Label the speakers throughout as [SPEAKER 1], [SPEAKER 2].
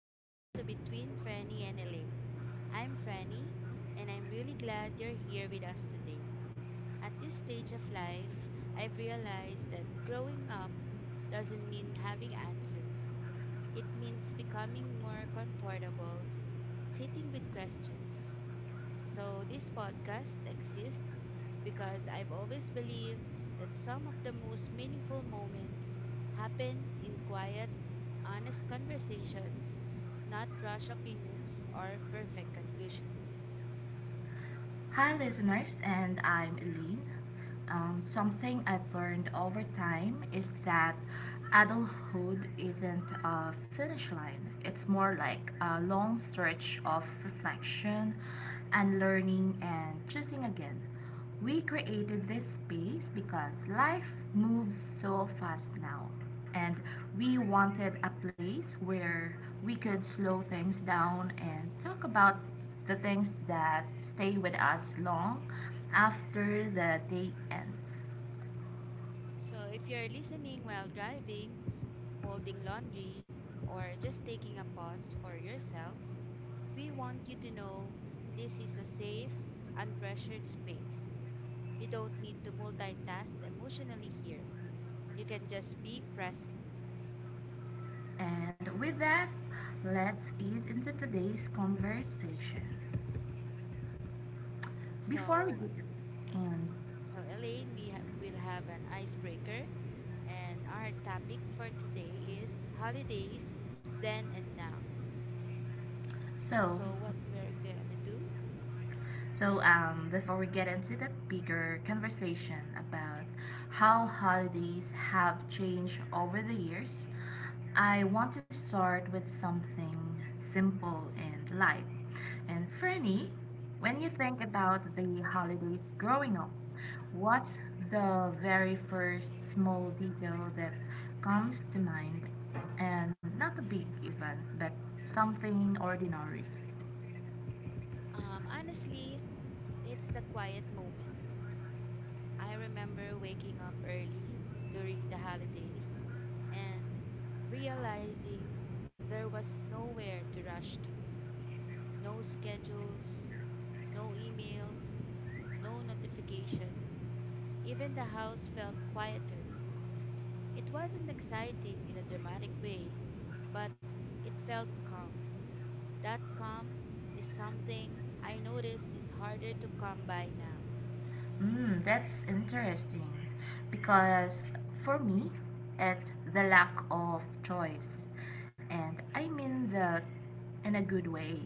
[SPEAKER 1] welcome to Between Franny and Elaine. I'm Franny, and I'm really glad you're here with us today. At this stage of life, I've realized that growing up doesn't mean having answers, it means becoming more comfortable sitting with questions. So, this podcast exists because I've always believed that some of the most meaningful moments happen in quiet honest conversations, not rash opinions or perfect conclusions.
[SPEAKER 2] Hi, listeners, and I'm Eileen. Something I've learned over time is that adulthood isn't a finish line, it's more like a long stretch of reflection and learning and choosing again. We created this space because life moves so fast now and we wanted a place where we could slow things down and talk about the things that stay with us long after the day ends.
[SPEAKER 1] So, if you're listening while driving, folding laundry, or just taking a pause for yourself, we want you to know this is a safe, unpressured space. You don't need to multitask emotionally here. You can just be present.
[SPEAKER 2] And with that, let's ease into today's conversation. Before we
[SPEAKER 1] So,
[SPEAKER 2] begin, and
[SPEAKER 1] so Elaine, we will have an icebreaker and our topic for today is holidays then and now.
[SPEAKER 2] so
[SPEAKER 1] So, what we're gonna do?
[SPEAKER 2] Before we get into the bigger conversation about how holidays have changed over the years, I want to start with something simple and light. And Franny, when you think about the holidays growing up, what's the very first small detail that comes to mind? And not a big event, but something ordinary.
[SPEAKER 1] Honestly, it's the quiet moments. I remember waking up early during the holidays and realizing there was nowhere to rush to. No schedules, no emails, no notifications. Even the house felt quieter. It wasn't exciting in a dramatic way, but it felt calm. That calm is something I notice is harder to come by now.
[SPEAKER 2] Mm, that's interesting because for me, it's the lack of choice. And I mean that in a good way.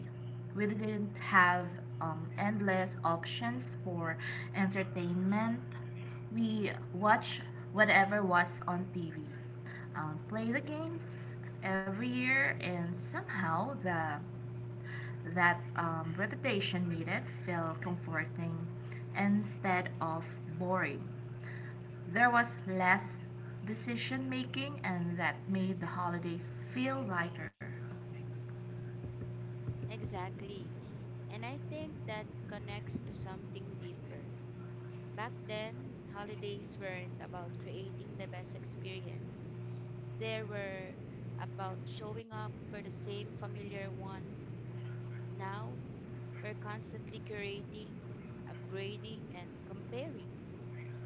[SPEAKER 2] We didn't have endless options for entertainment. We watched whatever was on TV, play the games every year, and somehow the that repetition made it feel comforting instead of boring. There was less decision making, and that made the holidays feel lighter.
[SPEAKER 1] Exactly. And I think that connects to something deeper. Back then, holidays weren't about creating the best experience. They were about showing up for the same familiar one. Now, we're constantly curating, upgrading, and comparing,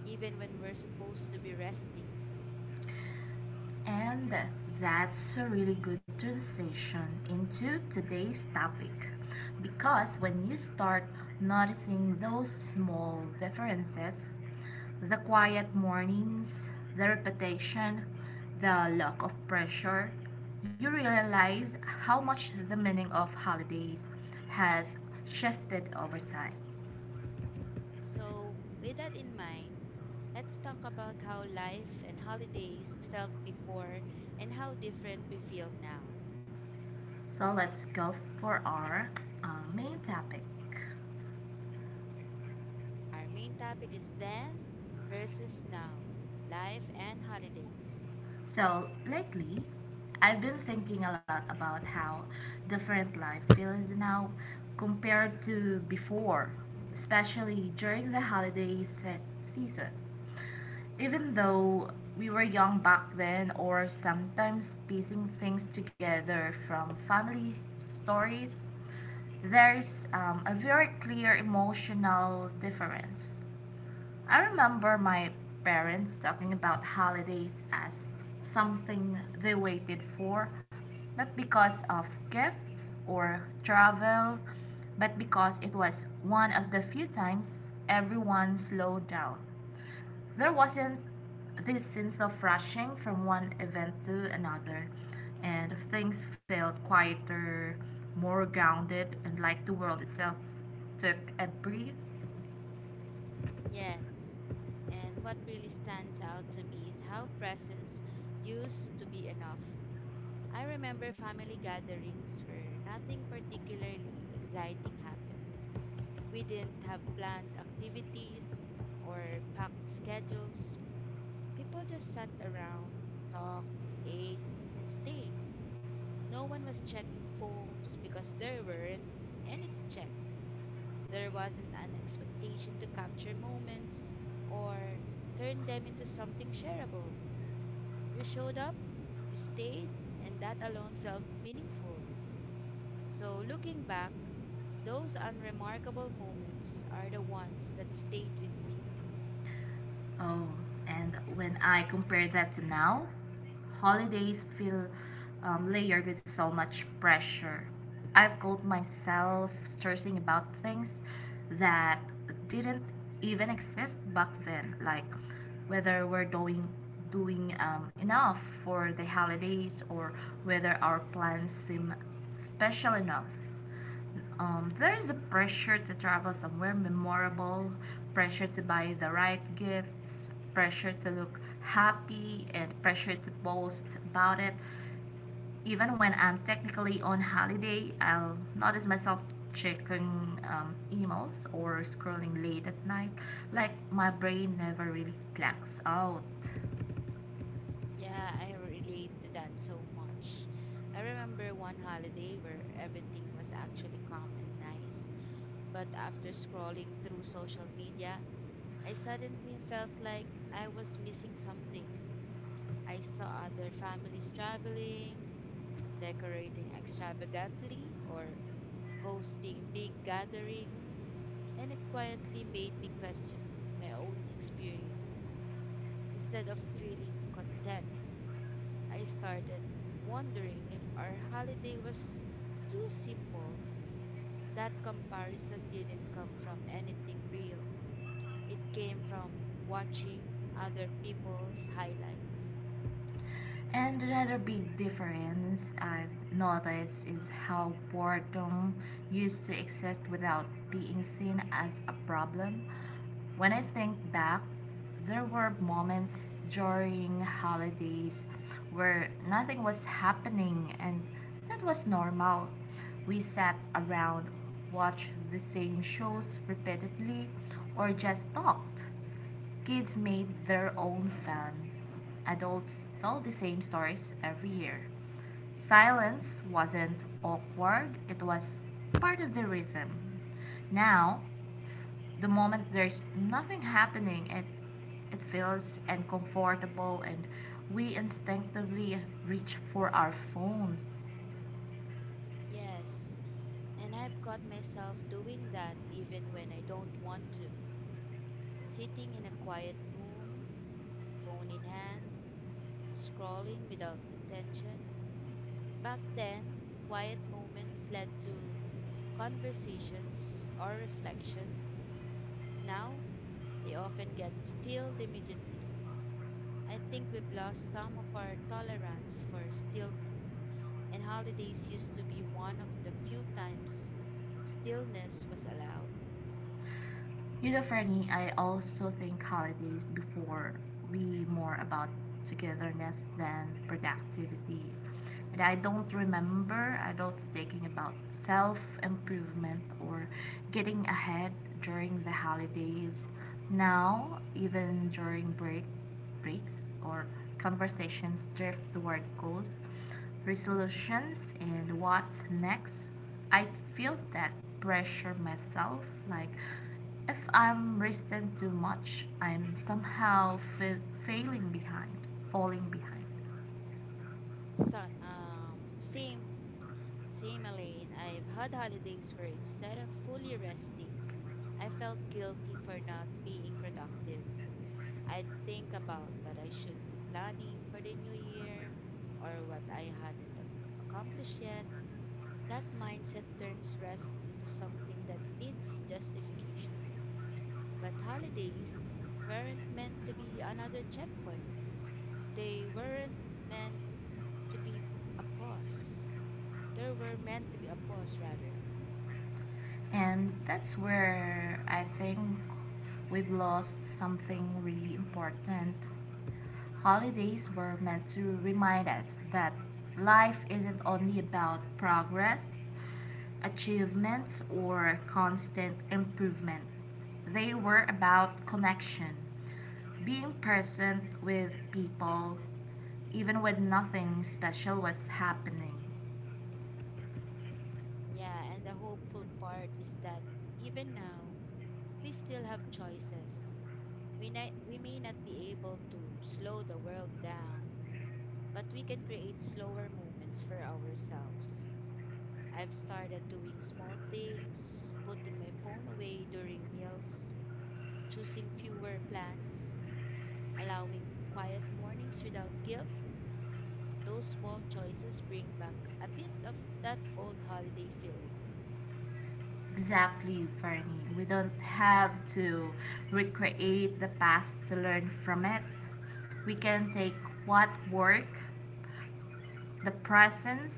[SPEAKER 1] even when we're supposed to be resting.
[SPEAKER 2] And that's a really good transition into today's topic. Because when you start noticing those small differences, the quiet mornings, the repetition, the lack of pressure, you realize how much the meaning of holidays has shifted over time.
[SPEAKER 1] So, with that in mind, let's talk about how life and holidays felt before and how different we feel now.
[SPEAKER 2] So let's go for our uh, main topic.
[SPEAKER 1] Our main topic is then versus now, life and holidays.
[SPEAKER 2] So lately, I've been thinking a lot about how different life feels now compared to before, especially during the season. Even though we were young back then, or sometimes piecing things together from family stories, there's a very clear emotional difference. I remember my parents talking about holidays as something they waited for, not because of gifts or travel, but because it was one of the few times everyone slowed down. There wasn't this sense of rushing from one event to another, and things felt quieter, more grounded, and like the world itself took a breath.
[SPEAKER 1] Yes, and what really stands out to me is how presents used to be enough. I remember family gatherings where nothing particularly exciting happened. We didn't have planned activities or packed schedules. People just sat around, talked, ate, and stayed. No one was checking phones because there weren't any to check. There wasn't an expectation to capture moments or turn them into something shareable. You showed up, you stayed, and that alone felt meaningful. So, looking back, those unremarkable moments are the ones that stayed with me.
[SPEAKER 2] Oh, and when I compare that to now, holidays feel layered with so much pressure. I've caught myself stressing about things that didn't even exist back then, like whether we're doing enough for the holidays or whether our plans seem special enough. There is a pressure to travel somewhere memorable, pressure to buy the right gifts, pressure to look happy, and pressure to boast about it. Even when I'm technically on holiday, I'll notice myself checking emails or scrolling late at night, like my brain never really clocks out.
[SPEAKER 1] Yeah, I relate to that so much. I remember one holiday where everything was actually calm and nice, but after scrolling through social media, I suddenly felt like I was missing something. I saw other families traveling, decorating extravagantly, or hosting big gatherings, and it quietly made me question my own experience. Instead of feeling content, I started wondering if our holiday was too simple. That comparison didn't come from anything real, it came from watching other people's highlights.
[SPEAKER 2] And another big difference I've noticed is how boredom used to exist without being seen as a problem. When I think back, there were moments during holidays where nothing was happening, and that was normal. We sat around, watched the same shows repeatedly, or just talked. Kids made their own fun. Adults told the same stories every year. Silence wasn't awkward, it was part of the rhythm. Now, the moment there's nothing happening, it feels uncomfortable and we instinctively reach for our phones.
[SPEAKER 1] Yes, and I've got myself doing that even when I don't want to. Sitting in a quiet room, phone in hand, scrolling without intention. Back then, quiet moments led to conversations or reflection. Now, they often get filled immediately. I think we've lost some of our tolerance for stillness, and holidays used to be one of the few times stillness was allowed.
[SPEAKER 2] You know, Franny, I also think holidays before we more about togetherness than productivity, but I don't remember adults thinking about self improvement or getting ahead during the holidays. Now, even during breaks or conversations drift toward goals, resolutions, and what's next, I feel that pressure myself, like if I'm resting too much, I'm somehow failing behind, falling behind.
[SPEAKER 1] So, um, same, same, Elaine. I've had holidays where instead of fully resting, I felt guilty for not being productive. I'd think about what I should be planning for the new year or what I hadn't accomplished yet. That mindset turns rest into something that needs justification. But holidays weren't meant to be another checkpoint, they weren't meant to be a pause. They were meant to be a pause, rather.
[SPEAKER 2] And that's where I think we've lost something really important. Holidays were meant to remind us that life isn't only about progress, achievement, or constant improvement. They were about connection, being present with people even when nothing special was happening.
[SPEAKER 1] Yeah, and the hopeful part is that even now, we still have choices. We may not be able to slow the world down, but we can create slower moments for ourselves. I've started doing small things, putting my phone away during meals, choosing fewer plans, allowing quiet mornings without guilt. Those small choices bring back a bit of that old holiday feeling.
[SPEAKER 2] Exactly, Fernie. We don't have to recreate the past to learn from it. We can take what work, the presence,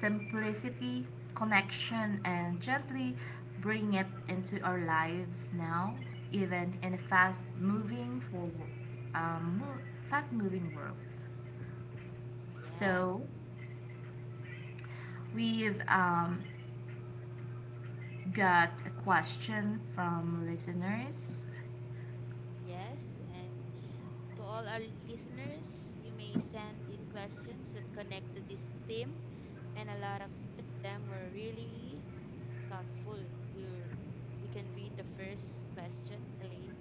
[SPEAKER 2] simplicity, connection, and gently bring it into our lives now, even in a um, mo- fast-moving world.
[SPEAKER 1] Yeah,
[SPEAKER 2] So, we've got a question from listeners.
[SPEAKER 1] yes. And to all our listeners, you may send in questions that connect to this theme, and a lot of them were really thoughtful. You you can read the first question, Elaine.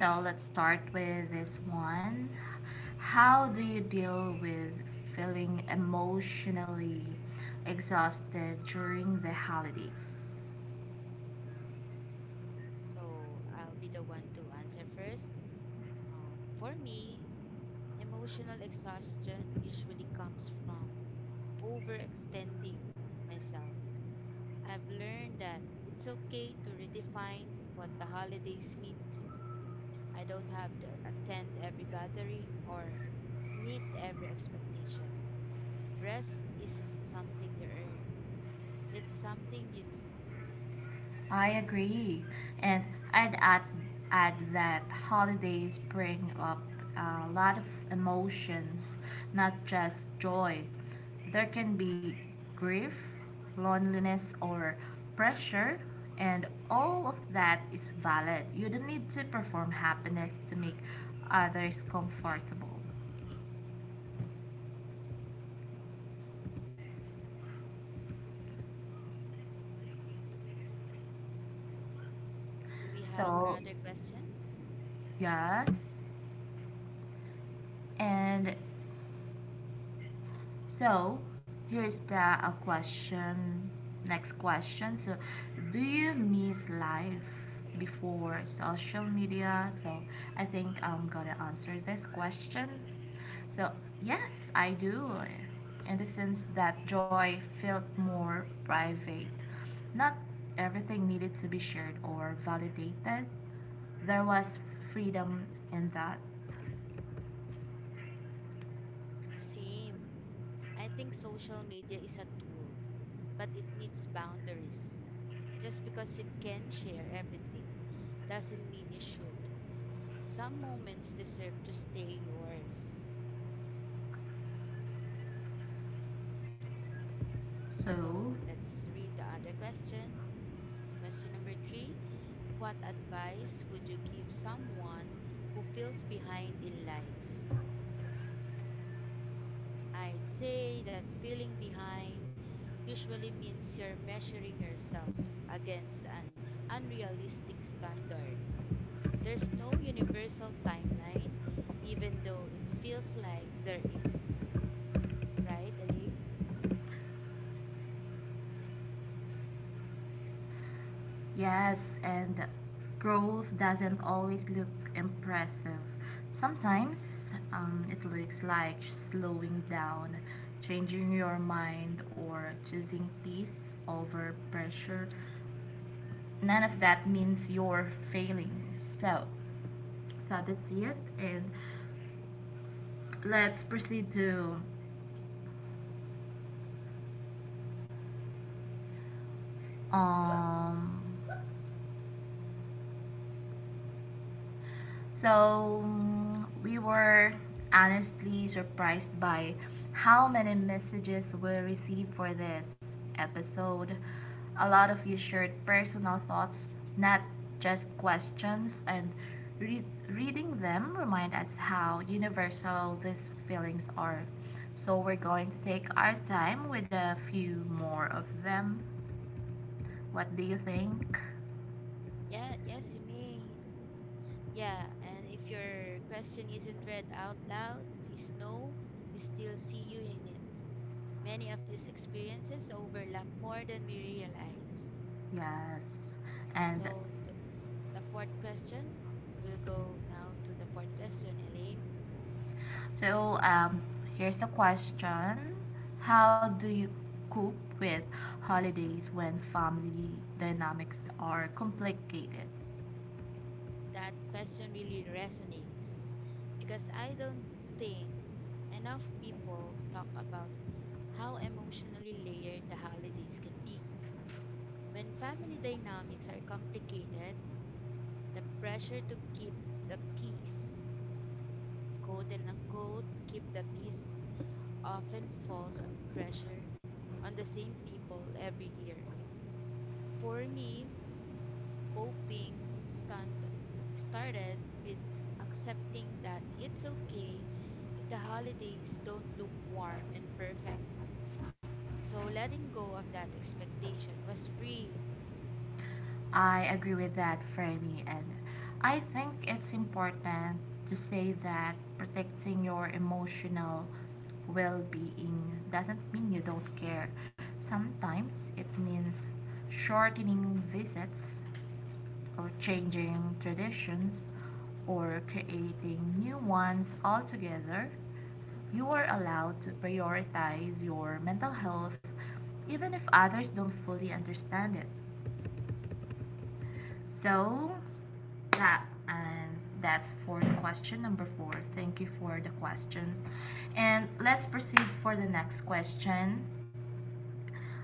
[SPEAKER 2] So let's start with this one. How do you deal with feeling emotionally exhausted during the holidays?
[SPEAKER 1] So I'll be the one to answer first. For me, emotional exhaustion usually comes from overextending myself. I've learned that it's okay to redefine what the holidays mean to me. I don't have to attend every gathering or meet every expectation. Rest isn't something you earn, it's something you need.
[SPEAKER 2] I agree. And I'd add that holidays bring up a lot of emotions, not just joy. There can be grief, loneliness, or pressure, and all of that is valid. You don't need to perform happiness to make others comfortable.
[SPEAKER 1] Do we have
[SPEAKER 2] So,
[SPEAKER 1] another questions?
[SPEAKER 2] yes. And So here's the a question. Next question. So, do you miss life before social media? So, I think I'm gonna answer this question. So, yes, I do. In the sense that joy felt more private. Not everything needed to be shared or validated. There was freedom in that.
[SPEAKER 1] Same. I think social media is a tool, but it needs boundaries. Just because you can share everything doesn't mean you should. Some moments deserve to stay yours.
[SPEAKER 2] So,
[SPEAKER 1] So let's read the other question. Question number three. What advice would you give someone who feels behind in life? I'd say that feeling behind usually means you're measuring yourself against an unrealistic standard. There's no universal timeline, even though it feels like there is. Right, Elaine?
[SPEAKER 2] yes, and growth doesn't always look impressive. Sometimes it looks like slowing down, changing your mind, or choosing peace over pressure. None of that means you're failing. So, so, that's it. And let's proceed to um we were honestly surprised by how many messages we received for this episode. A lot of you shared personal thoughts, not just questions, and re- reading them remind us how universal these feelings are. So we're going to take our time with a few more of them. What do you think?
[SPEAKER 1] Yeah, yes, you may. Yeah, and if your question isn't read out loud, please know we still see you in it. Many of these experiences overlap more than we realize.
[SPEAKER 2] Yes. And
[SPEAKER 1] So, the fourth question, we'll go now to the fourth question, Elaine.
[SPEAKER 2] So, um, here's the question. How do you cope with holidays when family dynamics are complicated?
[SPEAKER 1] That question really resonates because I don't think enough people talk about how emotionally layered the holidays can be. When family dynamics are complicated, the pressure to keep the peace, quote and unquote, keep the peace, often falls on pressure on the same people every year. For me, coping stand, started with accepting that it's okay if the holidays don't look warm and perfect. So letting go of that expectation was freeing,
[SPEAKER 2] I agree with that, Freddy, and I think it's important to say that protecting your emotional well being doesn't mean you don't care. Sometimes it means shortening visits or changing traditions or creating new ones altogether. You are allowed to prioritize your mental health even if others don't fully understand it. So, yeah, and that's for the question number four. Thank you for the questions. And let's proceed for the next question.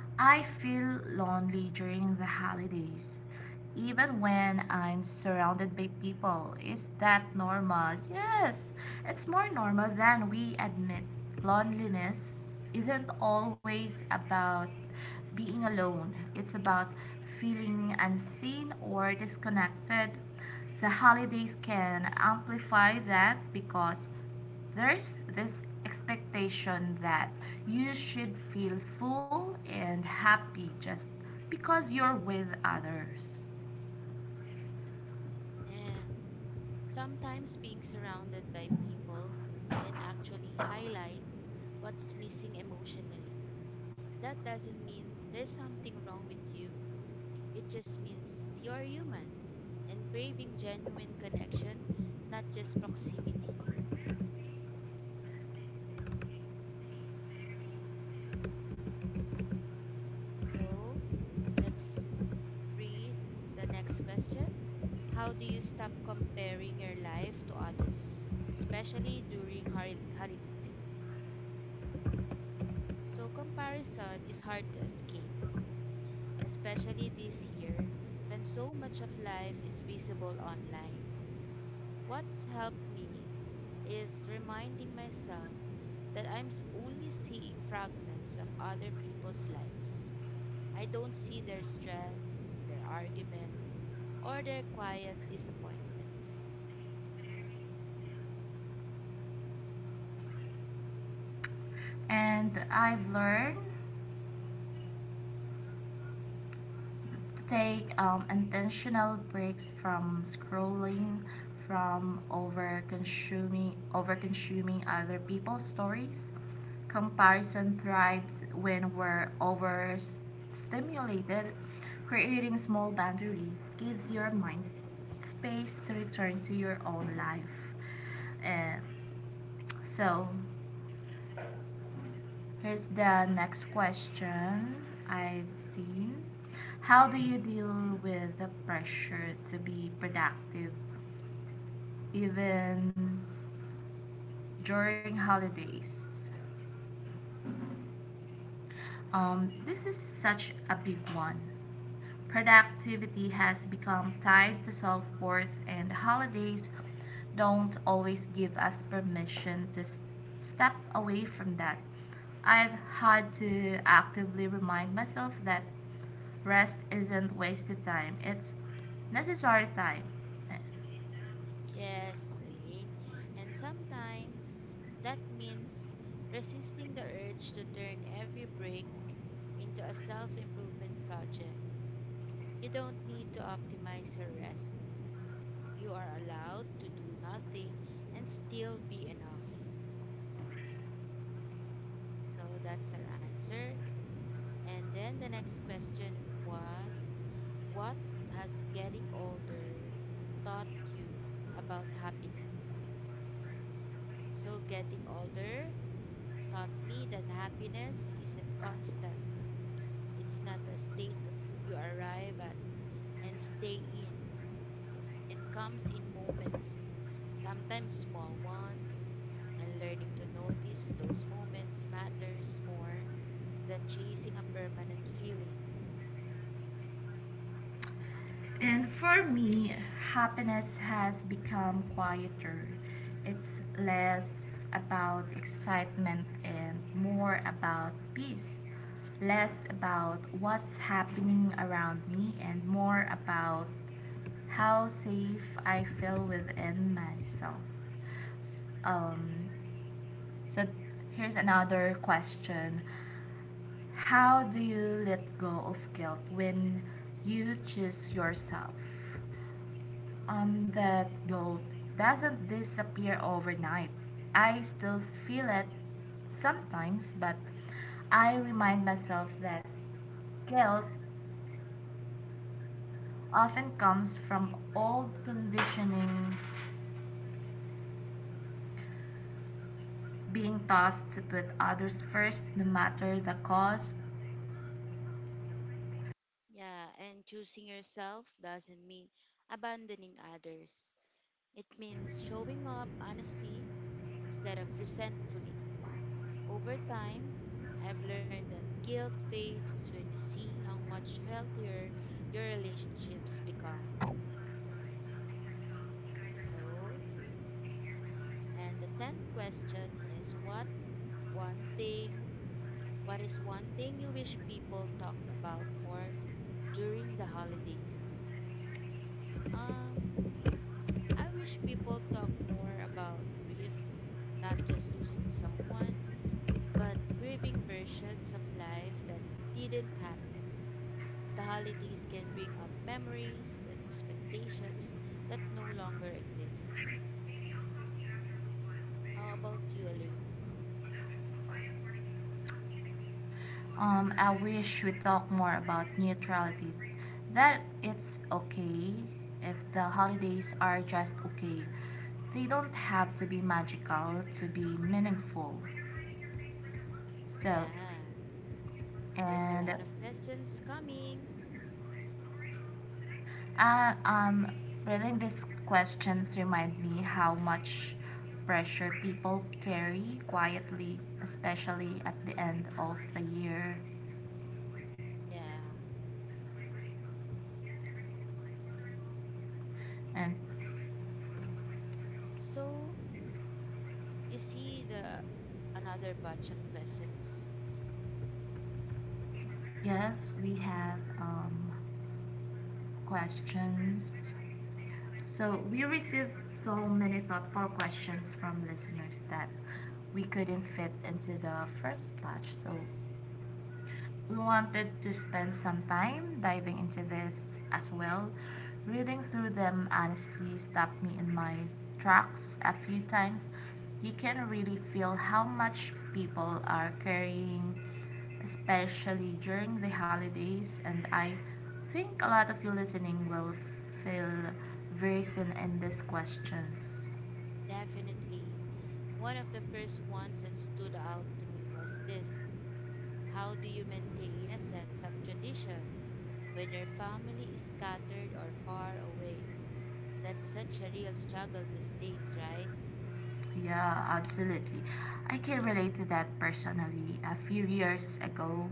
[SPEAKER 2] I feel lonely during the holidays, even when I'm surrounded by people. Is that normal? Yes, it's more normal than we admit. Loneliness isn't always about being alone, it's about feeling unseen or disconnected. The holidays can amplify that because there's this expectation that you should feel full and happy just because you're with others.
[SPEAKER 1] and sometimes being surrounded by people can actually highlight what's missing emotionally. That doesn't mean there's something wrong with you, it just means you're human and craving genuine connection, not just proximity. So let's read the next question. How do you stop comparing your life to others, especially during holidays? So, comparison is hard to escape, especially this year when so much of life is visible online. What's helped me is reminding myself that only seeing fragments of other people's lives. I don't see their stress, their arguments, or their quiet disappointments.
[SPEAKER 2] And I've learned to take intentional breaks from scrolling, from over consuming other people's stories. Comparison thrives when we're overstimulated. Creating small boundaries gives your mind space to return to your own life. Eh, so, Here's the next question I've seen. How do you deal with the pressure to be productive even during holidays? This is such a big one. Productivity has become tied to self worth, and the holidays don't always give us permission to step away from that. I've had to actively remind myself that rest isn't wasted time, it's necessary time.
[SPEAKER 1] Yes, Elaine, and sometimes that means resisting the urge to turn every break into a self improvement project. You don't need to optimize your rest. You are allowed to do nothing and still be enough. So that's our answer. And then the next question was, what has getting older taught you about happiness? So, getting older taught me that happiness isn't constant, it's not a state you arrive at and stay in. It comes in moments, sometimes small ones, and learning to notice those moments matters more than chasing a permanent feeling.
[SPEAKER 2] And for me, happiness has become quieter. It's less about excitement and more about peace. Less about what's happening around me and more about how safe I feel within myself. Um, so Here's another question. How do you let go of guilt when you choose yourself? On that guilt doesn't disappear overnight. I still feel it sometimes, but I remind myself that guilt often comes from old conditioning, being taught to put others first no matter the cost.
[SPEAKER 1] Yeah, and choosing yourself doesn't mean abandoning others. It means showing up honestly instead of resentfully. Over time, I've learned that guilt fades when you see how much healthier your relationships become. So, and the 10th question is, what one thing, what is one thing you wish people talked about more during the holidays? Um, I wish people talk more about grief, not just losing someone, but grieving versions of life that didn't happen. The holidays can bring up memories and expectations that no longer exist. How about you, Elaine?
[SPEAKER 2] I wish we talk more about neutrality. That it's okay if the holidays are just okay. They don't have to be magical to be meaningful. So,
[SPEAKER 1] Yeah, there's a
[SPEAKER 2] and
[SPEAKER 1] lot of questions coming.
[SPEAKER 2] I, um, reading these questions remind me how much pressure people carry quietly, especially at the end of the year.
[SPEAKER 1] Yeah.
[SPEAKER 2] And
[SPEAKER 1] So, you see the another batch of questions?
[SPEAKER 2] yes, we have questions. So we received so many thoughtful questions from listeners that we couldn't fit into the first batch. So we wanted to spend some time diving into this as well. Reading through them honestly stopped me in my tracks a few times. You can really feel how much people are carrying, especially during the holidays, and I think a lot of you listening will feel very soon in these questions.
[SPEAKER 1] Definitely. One of the first ones that stood out to me was this. How do you maintain a sense of tradition when your family is scattered or far away. That's such a real struggle these days, right?
[SPEAKER 2] Yeah, absolutely. I can relate to that personally. A few years ago,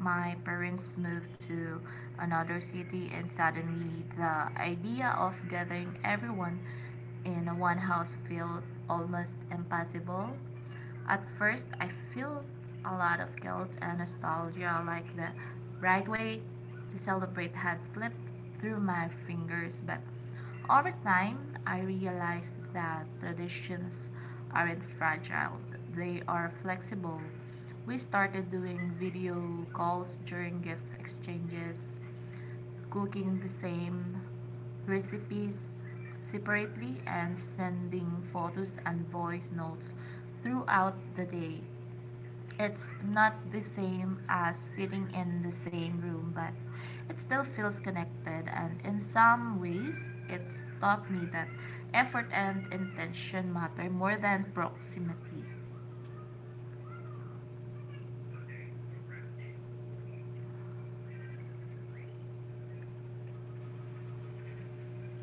[SPEAKER 2] my parents moved to another city, and suddenly the idea of gathering everyone in one house felt almost impossible. At first, I felt a lot of guilt and nostalgia, like the right way to celebrate had slipped through my fingers. But over time, I realized that traditions aren't fragile, they are flexible. We started doing video calls during gift exchanges, cooking the same recipes separately and sending photos and voice notes throughout the day. It's not the same as sitting in the same room, but it still feels connected. And in some ways, it's taught me that effort and intention matter more than proximity.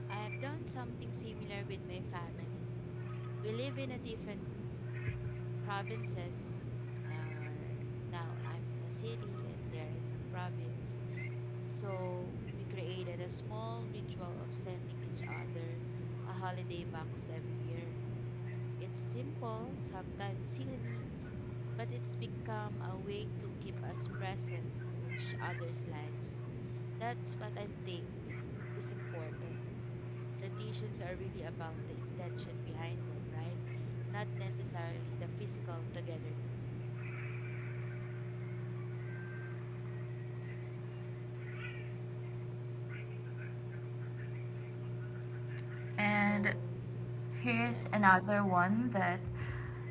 [SPEAKER 1] I have done something similar with my family. We live in a different provinces or now I'm in a city and they're in a province. So we created a small ritual of sending each other a holiday box every year. It's simple, sometimes silly, but it's become a way to keep us present in each other's lives. That's what I think it is important. Traditions are really about the intention behind them, right? Not necessarily the physical togetherness.
[SPEAKER 2] And
[SPEAKER 1] So,
[SPEAKER 2] here's
[SPEAKER 1] yes,
[SPEAKER 2] another one that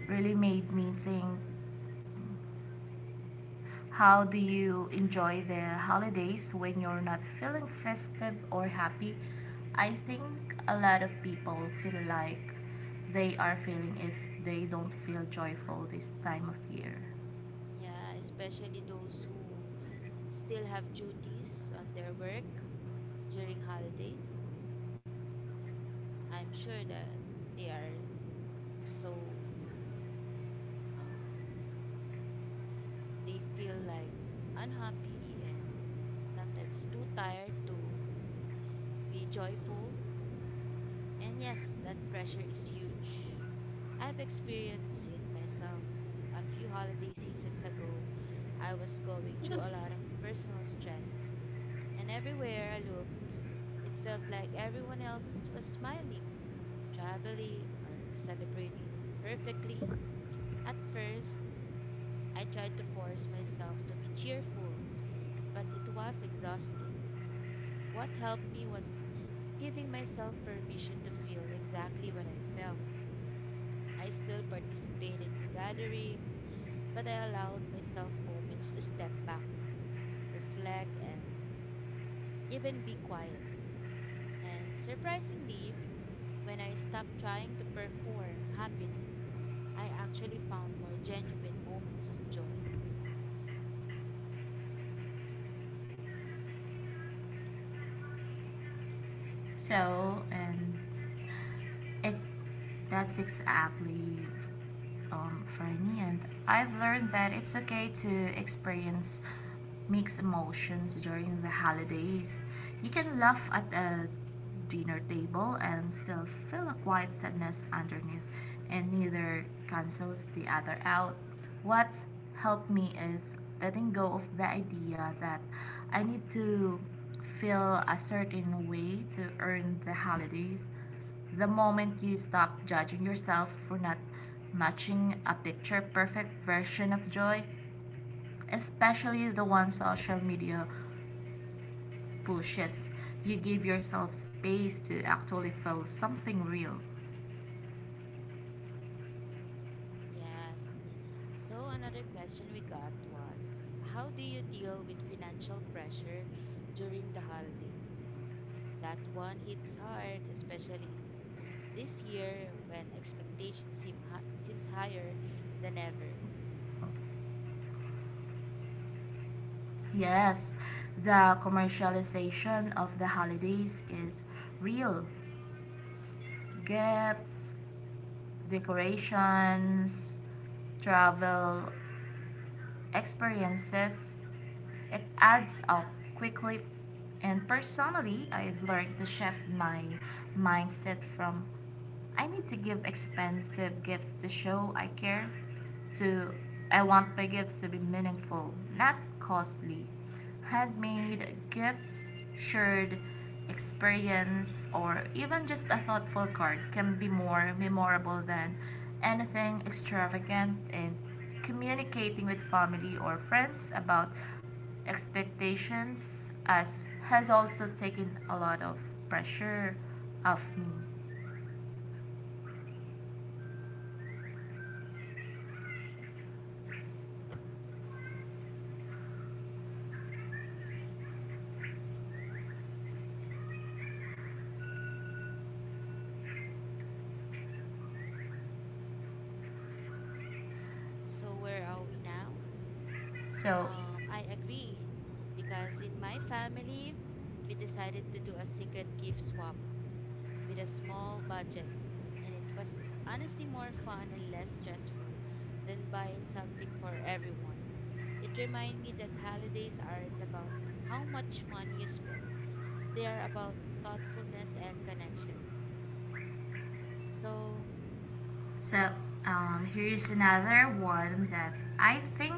[SPEAKER 2] really made me think. How do you enjoy the holidays when you're not feeling festive or happy? I think a lot of people feel like they are feeling if they don't feel joyful this time of year.
[SPEAKER 1] yeah, especially those who still have duties on their work during holidays. I'm sure that they are so um, they feel like unhappy and sometimes too tired to be joyful. And yes, that pressure is huge. I've experienced it myself. A few holiday seasons ago, I was going through a lot of personal stress, and everywhere I looked, it felt like everyone else was smiling, traveling, or celebrating perfectly. At first, I tried to force myself to be cheerful, but it was exhausting. What helped me was giving myself permission to feel exactly what I felt. I still participated in gatherings, but I allowed myself moments to step back, reflect, and even be quiet. And surprisingly, when I stopped trying to perform happiness, I actually found more genuine moments of joy.
[SPEAKER 2] So, and it that's exactly for me, and I've learned that it's okay to experience mixed emotions during the holidays. You can laugh at a dinner table and still feel a quiet sadness underneath, and neither cancels the other out. What's helped me is letting go of the idea that I need to feel a certain way to earn the holidays. The moment you stop judging yourself for not matching a picture perfect version of joy, especially the one social media pushes, you give yourself space to actually feel something real.
[SPEAKER 1] Yes. So, another question we got was, how do you deal with financial pressure during the holidays? That one hits hard, especially in this year when expectations seems higher than ever.
[SPEAKER 2] Yes, the commercialization of the holidays is real. Gifts, decorations, travel, experiences, it adds up quickly. And personally, I've learned to shift my mindset from I need to give expensive gifts to show I care. So I want my gifts to be meaningful, not costly. Handmade gifts, shared experience, or even just a thoughtful card can be more memorable than anything extravagant, and communicating with family or friends about expectations as has also taken a lot of pressure off me.
[SPEAKER 1] So where are we now?
[SPEAKER 2] So
[SPEAKER 1] I agree because in my family, we decided to do a secret gift swap with a small budget, and it was honestly more fun and less stressful than buying something for everyone. It reminded me that holidays aren't about how much money you spend. They are about thoughtfulness and connection. So,
[SPEAKER 2] So, here's another one that I think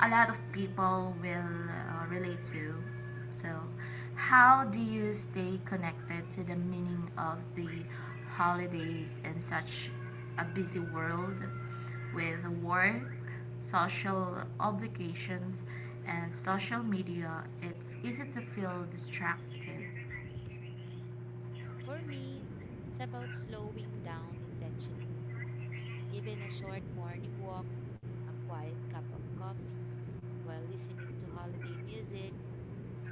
[SPEAKER 2] a lot of people will relate to. So, how do you stay connected to the meaning of the holidays in such a busy world with work, social obligations, and social media? It's easy to feel distracted.
[SPEAKER 1] so, for me, it's about slowing down intentionally. Even a short morning walk, a quiet cup of coffee, while listening to holiday music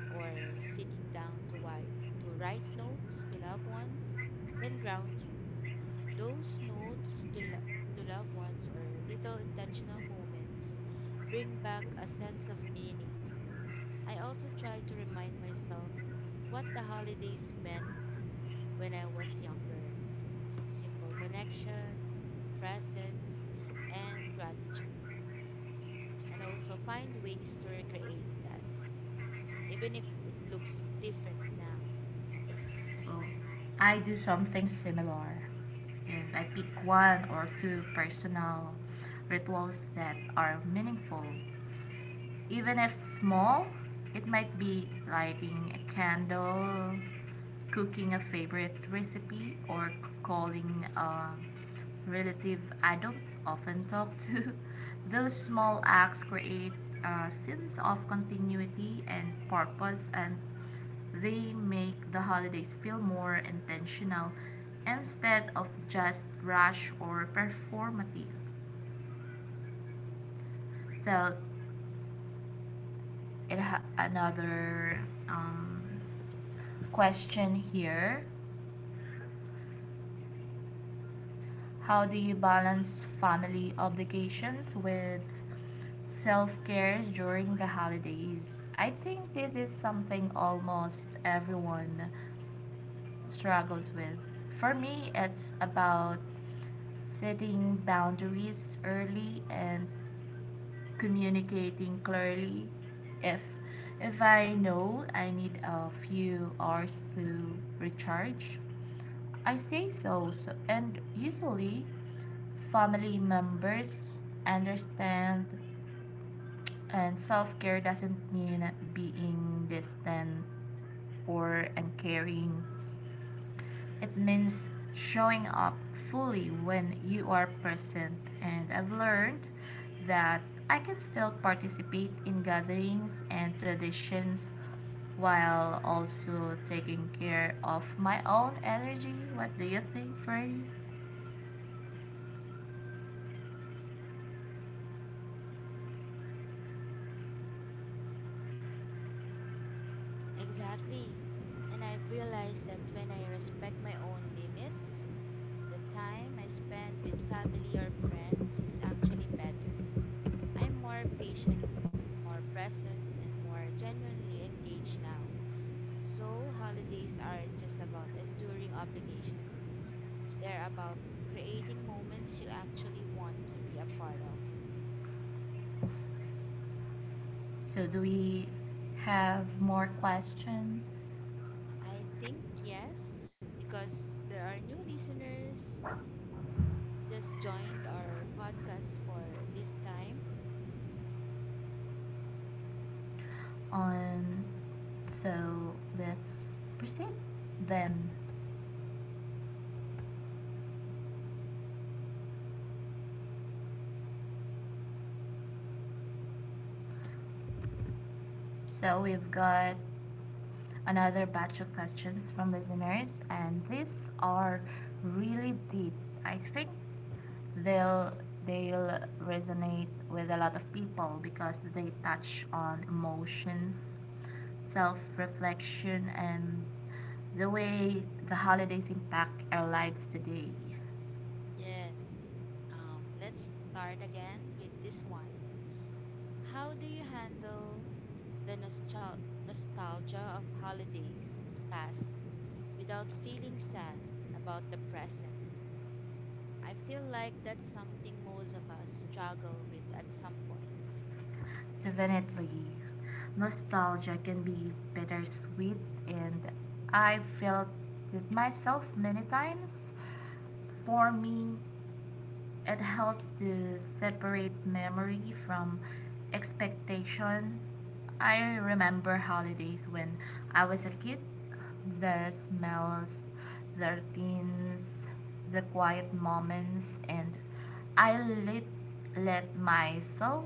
[SPEAKER 1] or sitting down to write notes to loved ones can ground you. Those notes to loved ones or little intentional moments bring back a sense of meaning. I also try to remind myself what the holidays meant when I was younger. Simple connection, presence, and gratitude. And also find ways to recreate that, even if it looks different now.
[SPEAKER 2] So, I do something similar. If I pick one or two personal rituals that are meaningful, even if small, it might be lighting a candle, cooking a favorite recipe, or calling a relative I don't often talk to. Those small acts create a sense of continuity and purpose, and they make the holidays feel more intentional instead of just rush or performative. So, it ha- another um, question here. How do you balance family obligations with self care during the holidays? I think this is something almost everyone struggles with. For me, it's about setting boundaries early and communicating clearly. If if I know I need a few hours to recharge, I say so, so, and usually family members understand. And self-care doesn't mean being distant or uncaring. It means showing up fully when you are present. And I've learned that I can still participate in gatherings and traditions while also taking care of my own energy. What do you think, Freddy?
[SPEAKER 1] Exactly. And I've realized that when I respect my own limits, the time I spend with family or friends is actually better. I'm more patient, more present, and more genuinely engaged now. So, holidays aren't just about enduring obligations. They're about creating moments you actually want to be a part of.
[SPEAKER 2] So, do we have more questions
[SPEAKER 1] I think yes, because there are new listeners just joined our podcast for this time.
[SPEAKER 2] on? So, let's proceed then. So, we've got another batch of questions from listeners, and these are really deep. I think they'll they'll resonate with a lot of people because they touch on emotions, self-reflection, and the way the holidays impact our lives today.
[SPEAKER 1] Yes. Let's start again with this one. How do you handle the nostalgia of holidays past without feeling sad about the present? I feel like that's something most of us struggle with at some point.
[SPEAKER 2] Definitely, nostalgia can be bittersweet, and I felt it myself many times. For me, it helps to separate memory from expectation. I remember holidays when I was a kid. The smells, the routines, the quiet moments, and I let myself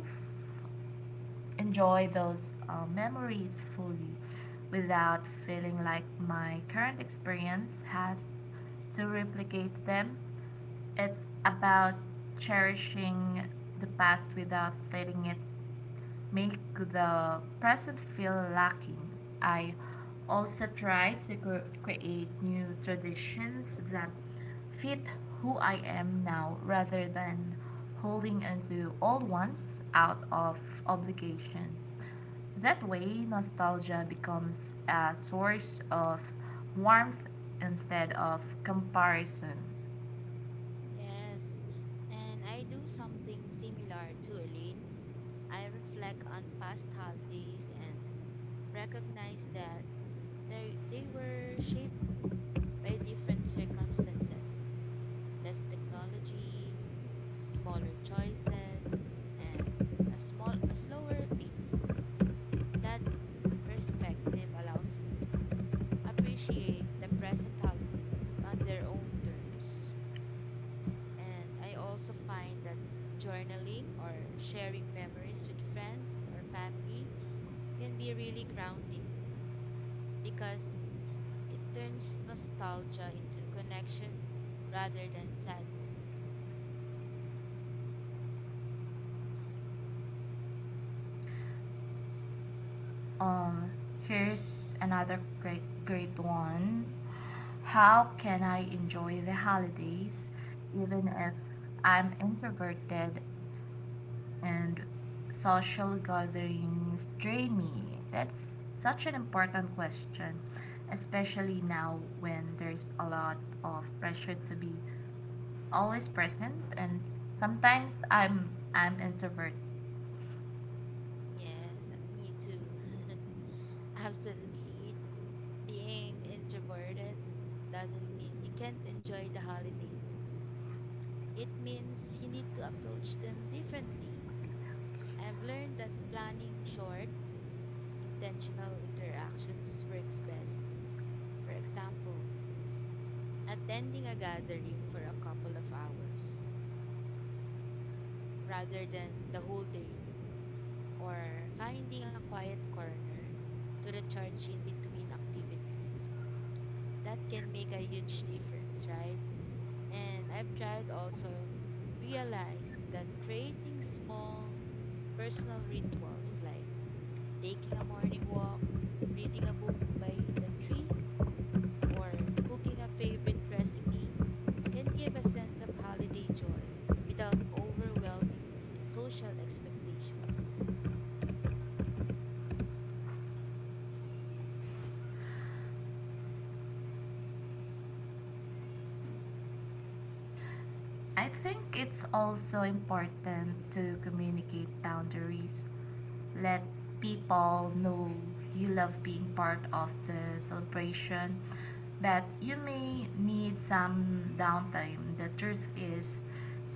[SPEAKER 2] enjoy those memories fully without feeling like my current experience has to replicate them. It's about cherishing the past without letting it make the present feel lacking. I also try to create new traditions that fit who I am now rather than holding onto old ones out of obligation. That way, nostalgia becomes a source of warmth instead of comparison.
[SPEAKER 1] Yes, and I do something similar to Elaine. I reflect on past holidays and recognize that they were shaped by different circumstances, less technology, smaller choices, and a slower pace. That perspective allows me to appreciate the present holidays on their own terms. And I also find that journaling or sharing memories with friends or family can be really grounding because it turns nostalgia into connection rather than sadness.
[SPEAKER 2] Um, Here's another great one. How can I enjoy the holidays even if I'm introverted and social gatherings drain me? That's such an important question, especially now when there's a lot of pressure to be always present, and sometimes I'm introverted.
[SPEAKER 1] Yes, me too. Absolutely. Being introverted doesn't mean you can't enjoy the holidays. It means you need to approach them differently. I've learned that planning short, intentional interactions works best. For example, attending a gathering for a couple of hours rather than the whole day, or finding a quiet corner to recharge in between activities. That can make a huge difference, right? And I've tried also realized that creating small personal rituals like taking a morning walk, reading a book by the tree, or cooking a favorite recipe can give a sense of holiday joy without overwhelming social expectations.
[SPEAKER 2] I think it's also important to communicate boundaries. Let people know you love being part of the celebration, but you may need some downtime. The truth is,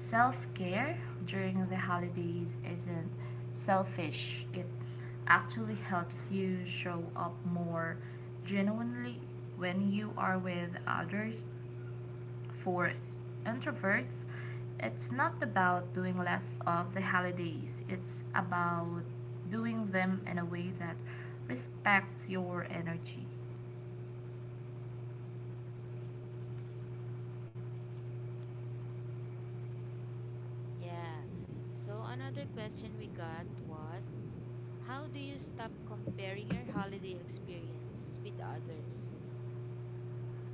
[SPEAKER 2] self care during the holidays isn't selfish, it actually helps you show up more genuinely when you are with others. For introverts, it's not about doing less of the holidays, it's about doing them in a way that respects your energy.
[SPEAKER 1] Yeah. So another question we got was, how do you stop comparing your holiday experience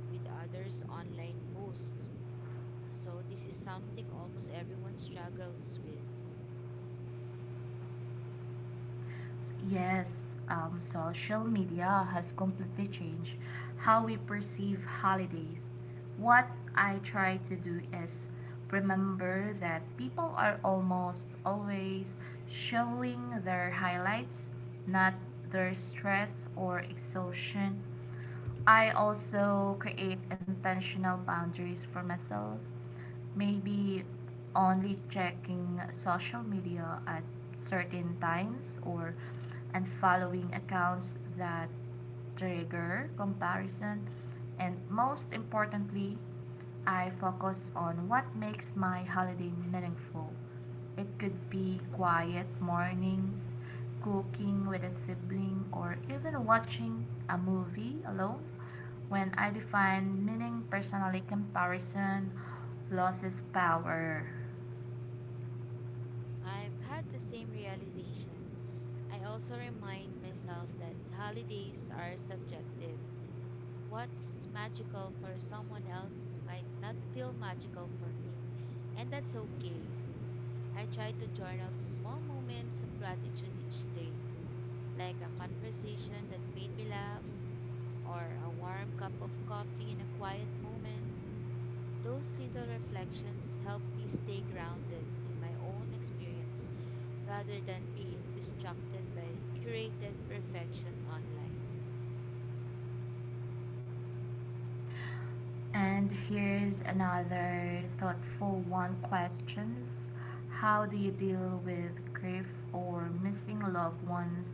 [SPEAKER 1] with others' online posts? So this is something almost everyone struggles with.
[SPEAKER 2] Yes, social media has completely changed how we perceive holidays. What I try to do is remember that people are almost always showing their highlights, not their stress or exhaustion. I also create intentional boundaries for myself, maybe only checking social media at certain times or unfollowing accounts that trigger comparison. And most importantly, I focus on what makes my holiday meaningful. It could be quiet mornings, cooking with a sibling, or even watching a movie alone. When I define meaning personally, comparison loses power.
[SPEAKER 1] I've had the same realization. I also remind myself that holidays are subjective. What's magical for someone else might not feel magical for me, and that's okay. I try to journal small moments of gratitude each day, like a conversation that made me laugh, or a warm cup of coffee in a quiet moment. Those little reflections help me stay grounded in my own experience rather than being distracted by curated perfection online.
[SPEAKER 2] And here's another thoughtful one questions. How do you deal with grief or missing loved ones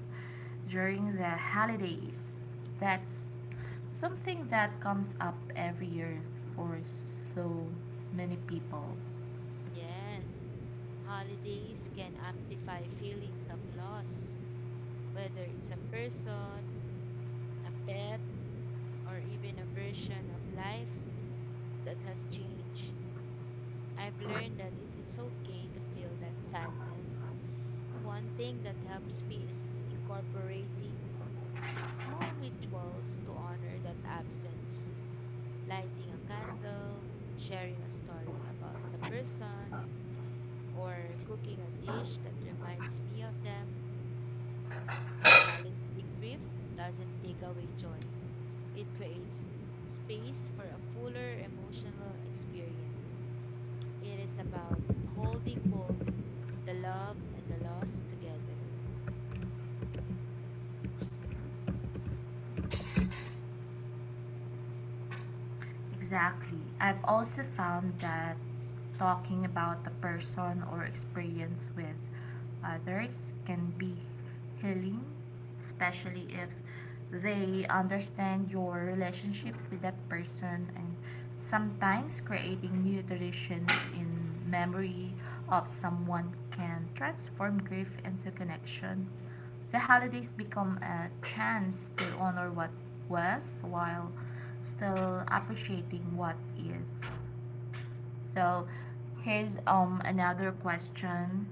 [SPEAKER 2] during the holidays? That's something that comes up every year for so many people.
[SPEAKER 1] Yes, holidays can amplify feelings of loss, whether it's a person, a pet, or even a version of life that has changed. I've learned that it is okay to feel that sadness. One thing that helps me is incorporating small rituals to honor that absence, lighting a candle, sharing a story about the person, or cooking a dish that reminds me of them. Acknowledging grief doesn't take away joy, it creates space for a fuller emotional experience. It is about holding both the love and the loss together.
[SPEAKER 2] Exactly. I've also found that talking about the person or experience with others can be healing, especially if they understand your relationship with that person. And sometimes creating new traditions in memory of someone can transform grief into connection. The holidays become a chance to honor what was while still appreciating what is. So, here's another question.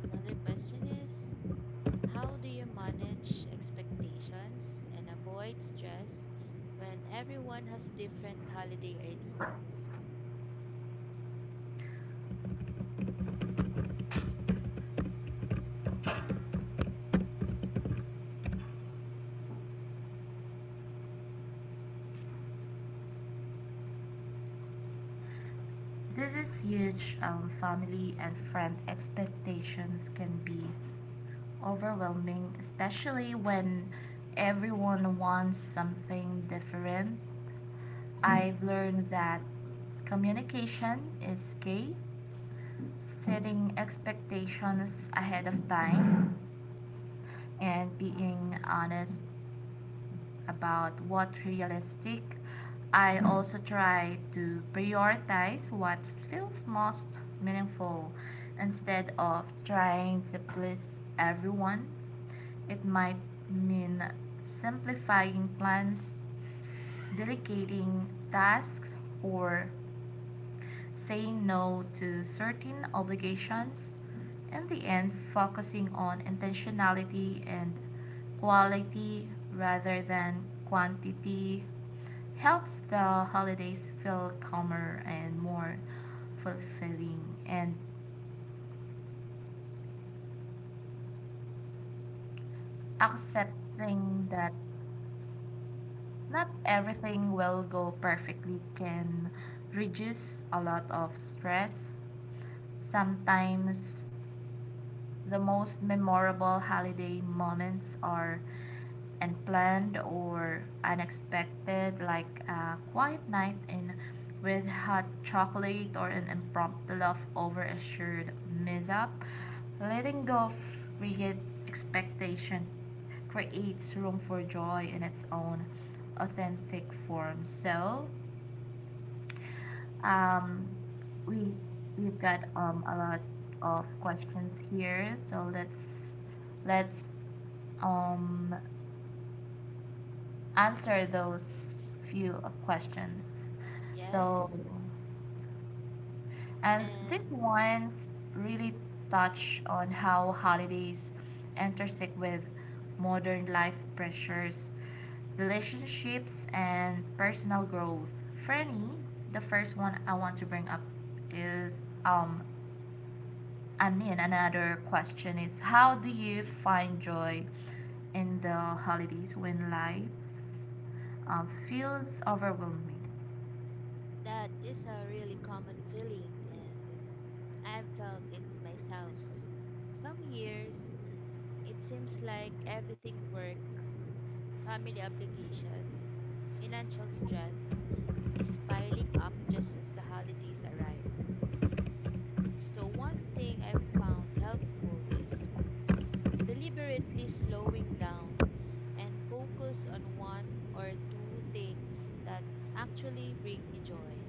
[SPEAKER 1] Another question is, how do you manage expectations and avoid stress when everyone has different holiday ideas?
[SPEAKER 2] This is huge. Family and friend expectations can be overwhelming, especially when everyone wants something different. I've learned that communication is key, setting expectations ahead of time and being honest about what realistic. I also try to prioritize what feels most meaningful instead of trying to please everyone. It might mean simplifying plans, delegating tasks, or saying no to certain obligations. In the end, focusing on intentionality and quality rather than quantity helps the holidays feel calmer and more fulfilling. And accepting that not everything will go perfectly can reduce a lot of stress. Sometimes the most memorable holiday moments are unplanned or unexpected, like a quiet night in with hot chocolate or an impromptu laugh over a shared mishap. Letting go of rigid expectation creates room for joy in its own authentic form. So, um, we we've got a lot of questions here, so let's um answer those few questions. So,
[SPEAKER 1] Yes,
[SPEAKER 2] and this
[SPEAKER 1] and
[SPEAKER 2] one's really touch on how holidays intersect with modern life pressures, relationships, and personal growth. For the first one I want to bring up is um another question is how do you find joy in the holidays when life feels overwhelming?
[SPEAKER 1] that is a really common feeling, and I've felt it myself. Some years, it seems like everything, work, family obligations, financial stress, is piling up just as the holidays arrive. So, one thing I've found helpful is deliberately slowing down and focus on one or two things that actually bring me joy,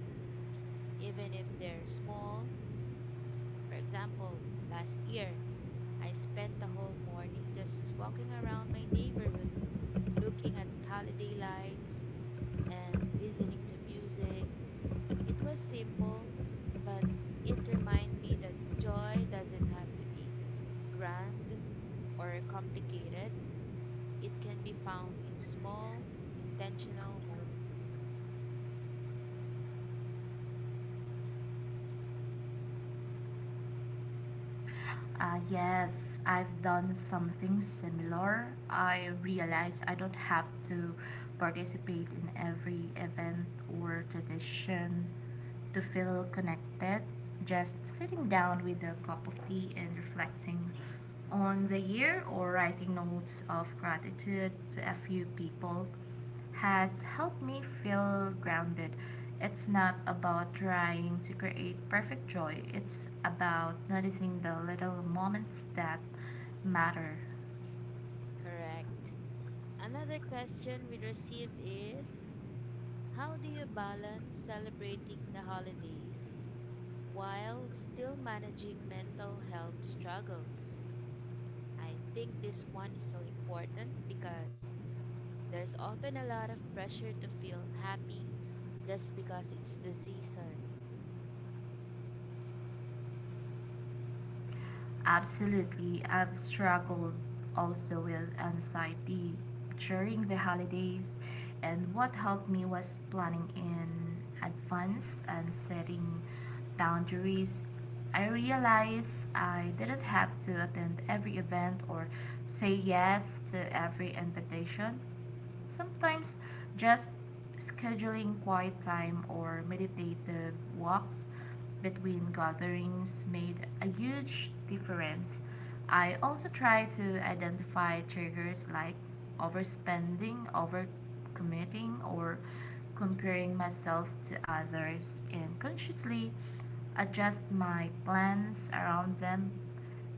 [SPEAKER 1] even if they're small. For example, last year, I spent the whole morning just walking around my neighborhood, looking at holiday lights and listening to music. It was simple, but it reminded me that joy doesn't have to be grand or complicated. It can be found in small, intentional moments.
[SPEAKER 2] Yes, I've done something similar. I realize I don't have to participate in every event or tradition to feel connected. Just sitting down with a cup of tea and reflecting on the year or writing notes of gratitude to a few people has helped me feel grounded. It's not about trying to create perfect joy, it's about noticing the little moments that matter.
[SPEAKER 1] Correct. Another question we received is, how do you balance celebrating the holidays while still managing mental health struggles? I think this one is so important because there's often a lot of pressure to feel happy just because it's the season.
[SPEAKER 2] Absolutely. I've struggled also with anxiety during the holidays, and what helped me was planning in advance and setting boundaries. I realized I didn't have to attend every event or say yes to every invitation. Sometimes just scheduling quiet time or meditative walks between gatherings made a huge difference. I also try to identify triggers like overspending, overcommitting, or comparing myself to others and consciously adjust my plans around them.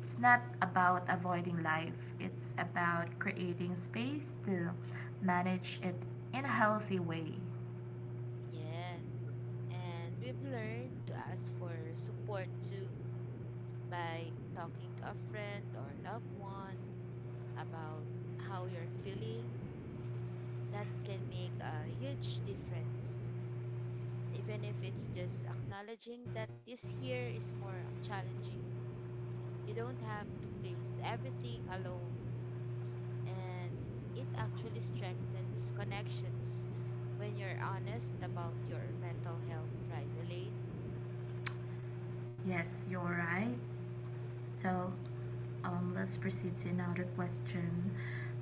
[SPEAKER 2] It's not about avoiding life, it's about creating space to manage it in a healthy way.
[SPEAKER 1] Yes. And we've learned to ask for support too by talking to a friend or loved one about how you're feeling. That can make a huge difference, even if it's just acknowledging that this year is more challenging. You don't have to face everything alone, and it actually strengthens connections when you're honest about your mental health, right, Elaine?
[SPEAKER 2] Yes, you're right. So, let's proceed to another question.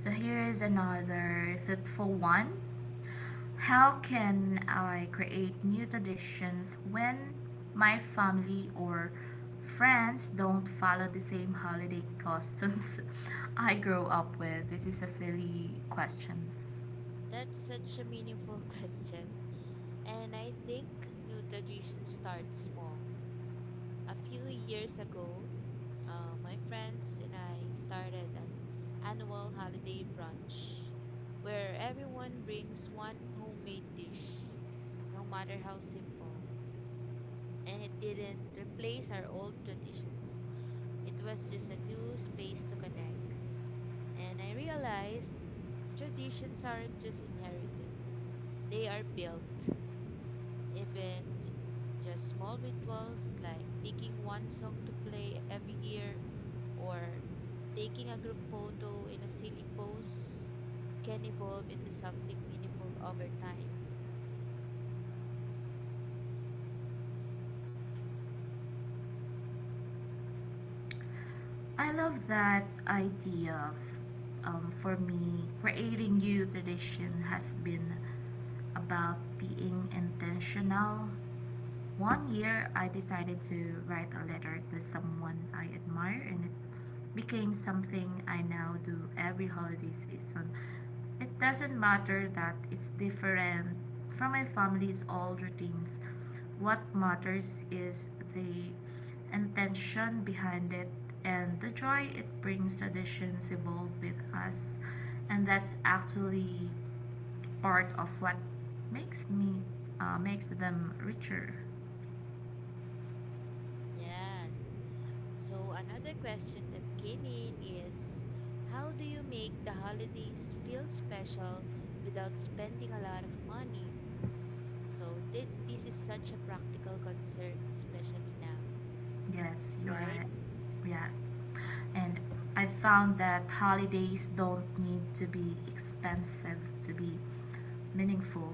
[SPEAKER 2] So, here is another thoughtful one. How can I create new traditions when my family or friends don't follow the same holiday customs I grew up with? This is a silly question.
[SPEAKER 1] That's such a meaningful question. And I think new tradition starts small. A few years ago, my friends and I started an annual holiday brunch where everyone brings one homemade dish, no matter how simple. And it didn't replace our old traditions, it was just a new space to connect. And I realized traditions aren't just inherited, they are built. Even just small rituals like picking one song to play every year or taking a group photo in a silly pose can evolve into something meaningful over time.
[SPEAKER 2] I love that idea of, for me, creating new tradition has been about being intentional. One year, I decided to write a letter to someone I admire, and it became something I now do every holiday season. It doesn't matter that it's different from my family's old routines. What matters is the intention behind it and the joy it brings. Traditions evolve with us. And that's actually part of what makes me makes them richer.
[SPEAKER 1] Yes. So, another question that came in is, how do you make the holidays feel special without spending a lot of money? So, this is such a practical concern, especially now,
[SPEAKER 2] Yes, you're
[SPEAKER 1] right?
[SPEAKER 2] right. Yeah. And I found that holidays don't need to be expensive to be meaningful.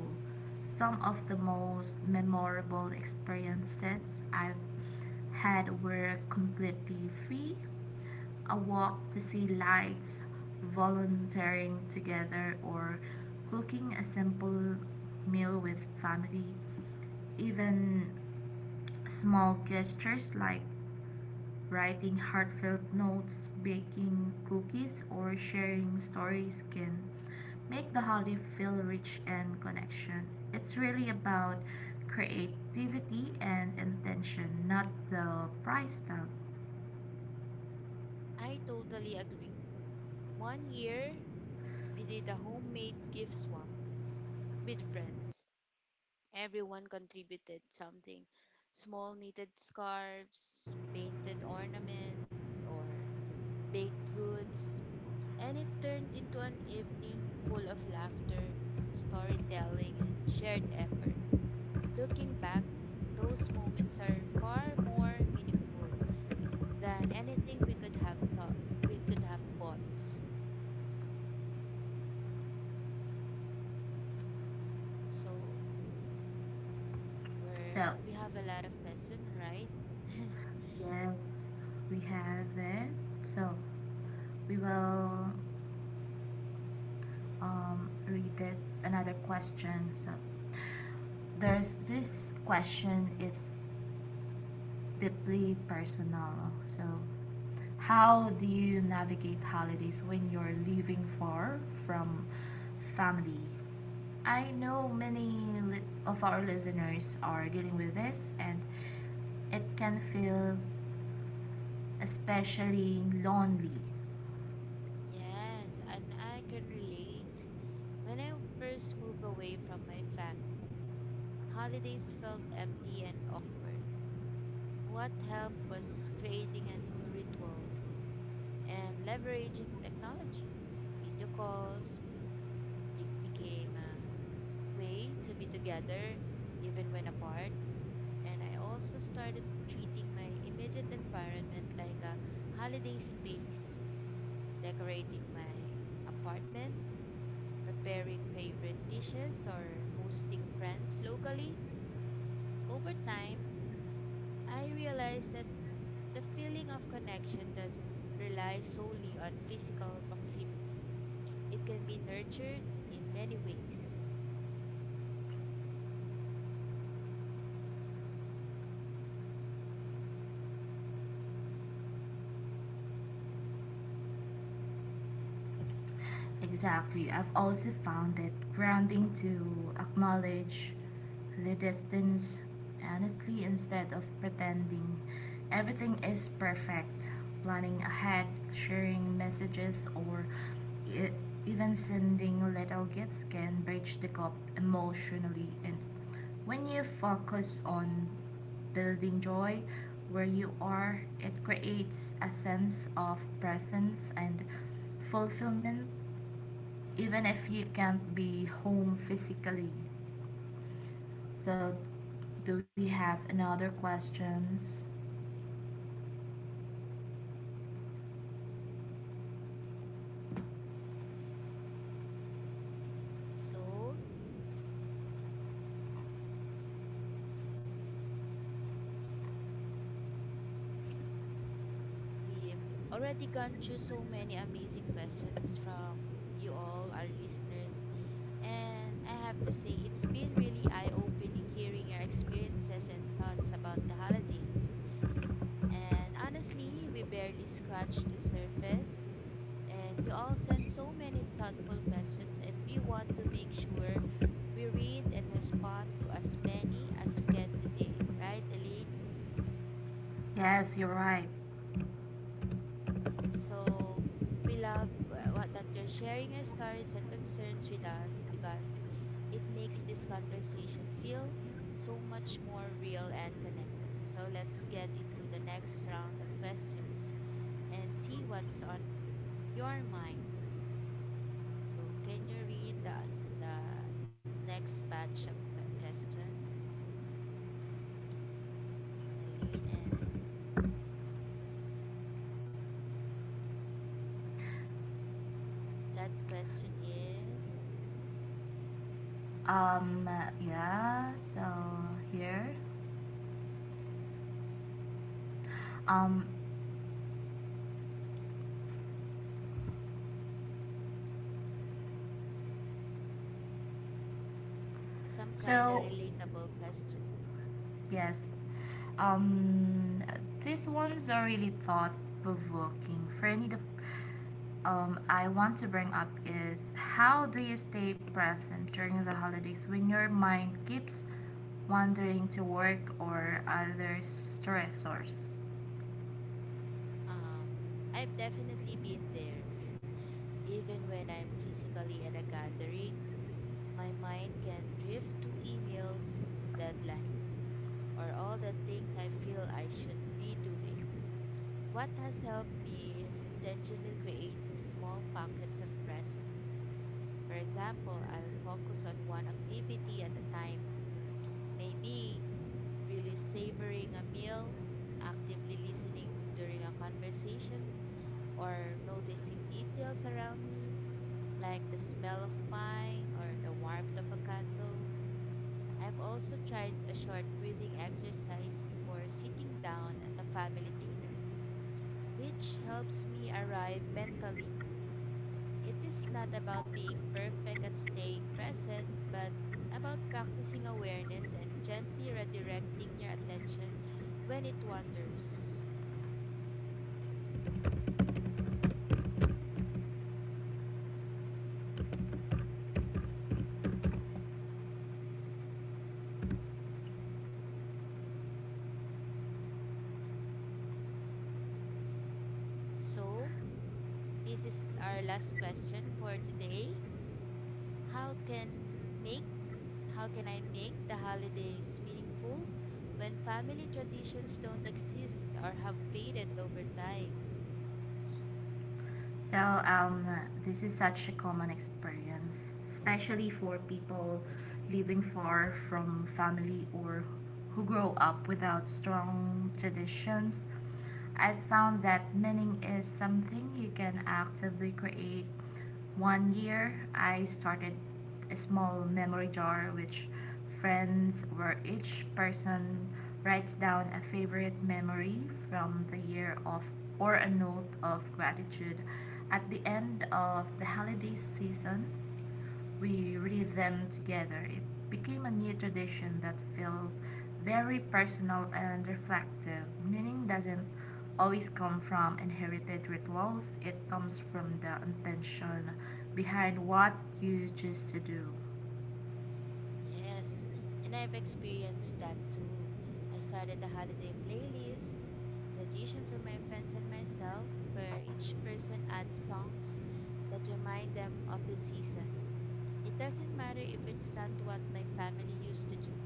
[SPEAKER 2] Some of the most memorable experiences I've had were completely free, a walk to see lights, volunteering together, or cooking a simple meal with family. Even small gestures like writing heartfelt notes, baking cookies, or sharing stories can make the holiday feel rich and connection. It's really about creativity and intention, not the price tag.
[SPEAKER 1] I totally agree. One year, we did a homemade gift swap with friends. Everyone contributed something small, knitted scarves, painted ornaments, or baked goods, and it turned into an evening full of laughter, storytelling, and shared effort. Looking back, those moments are far more meaningful than anything we could have thought we could have bought. So we-
[SPEAKER 2] So
[SPEAKER 1] we have a lot of questions, right?
[SPEAKER 2] yes, we have it. So we will read this another question. So there's this question. It's deeply personal. So how do you navigate holidays when you're leaving for from family? I know many of our listeners are dealing with this, and it can feel especially lonely.
[SPEAKER 1] Yes, and I can relate. When I first moved away from my family, holidays felt empty and awkward. What helped was creating a new ritual and leveraging technology. Video calls became a way to be together even when apart, and I also started treating my immediate environment like a holiday space, decorating my apartment, preparing favorite dishes, or hosting friends locally. Over time, I realized that the feeling of connection doesn't rely solely on physical proximity. It can be nurtured in many ways.
[SPEAKER 2] Exactly. I've also found it grounding to acknowledge the distance honestly instead of pretending everything is perfect. Planning ahead, sharing messages, or e- even sending little gifts can bridge the gap emotionally. And when you focus on building joy where you are, it creates a sense of presence and fulfillment, even if you can't be home physically. So, do we have another questions?
[SPEAKER 1] So, we've already gone through so many amazing questions from you all, our listeners. And I have to say, it's been really eye opening hearing your experiences and thoughts about the holidays. And honestly, we barely scratched the surface. And you all send so many thoughtful questions, and we want to make sure we read and respond to as many as we can today, right, Elaine?
[SPEAKER 2] Yes, you're right.
[SPEAKER 1] So we love that you're sharing your stories and concerns with us because it makes this conversation feel so much more real and connected. So let's get into the next round of questions and see what's on your minds. So can you read the the next batch of question, Elaine? And that question is
[SPEAKER 2] Um, yeah. So here, um,
[SPEAKER 1] some kind of
[SPEAKER 2] so
[SPEAKER 1] relatable question.
[SPEAKER 2] yes, um, these ones are really thought provoking. Franny, the I want to bring up is how do you stay present during the holidays when your mind keeps wandering to work or other stressors?
[SPEAKER 1] I've definitely been there. Even when I'm physically at a gathering, my mind can drift to emails, deadlines, or all the things I feel I should be doing. What has helped me is intentionally creating small pockets of presence. For example, I'll focus on one activity at a time, maybe really savoring a meal, actively listening during a conversation, or noticing details around me, like the smell of pine or the warmth of a candle. I've also tried a short breathing exercise before sitting down at a family dinner, which helps me arrive mentally. It is not about being perfect at staying present, but about practicing awareness and gently redirecting your attention when it wanders. So, this is our last question for today. How can make how can I make the holidays meaningful when family traditions don't exist or have faded over time?
[SPEAKER 2] So this is such a common experience, especially for people living far from family or who grow up without strong traditions. I found that meaning is something you can actively create. One year, I started a small memory jar which friends where each person writes down a favorite memory from the year of or a note of gratitude. At the end of the holiday season we read them together. It became a new tradition that felt very personal and reflective. Meaning doesn't always come from inherited rituals, it comes from the intention behind what you choose to do.
[SPEAKER 1] Yes, and I've experienced that too. I started a holiday playlist tradition for my friends and myself, where each person adds songs that remind them of the season. It doesn't matter if it's not what my family used to do.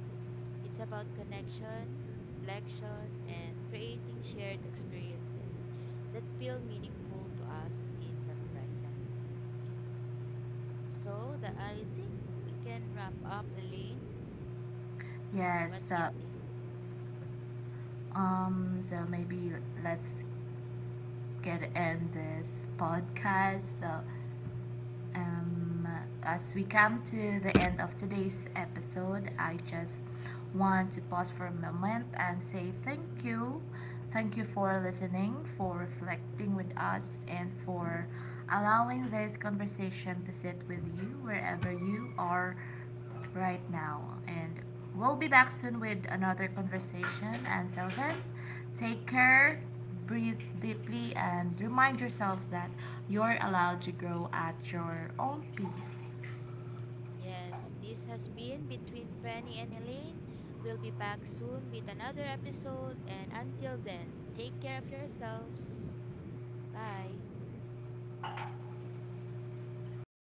[SPEAKER 1] It's about connection, reflection, and creating shared experiences that feel meaningful to us in the present. So that, I think, we can wrap up, Elaine.
[SPEAKER 2] Yes,
[SPEAKER 1] What do you
[SPEAKER 2] so,
[SPEAKER 1] think?
[SPEAKER 2] so maybe let's get end this podcast. So, Um, as we come to the end of today's episode, I just want to pause for a moment and say thank you. Thank you for listening, for reflecting with us, and for allowing this conversation to sit with you wherever you are right now. And we'll be back soon with another conversation. Until then, take care, breathe deeply, and remind yourself that you're allowed to grow at your own pace.
[SPEAKER 1] Yes, this has been Between Fanny and Elaine. We'll be back soon with another episode, and until then, take care of yourselves. Bye.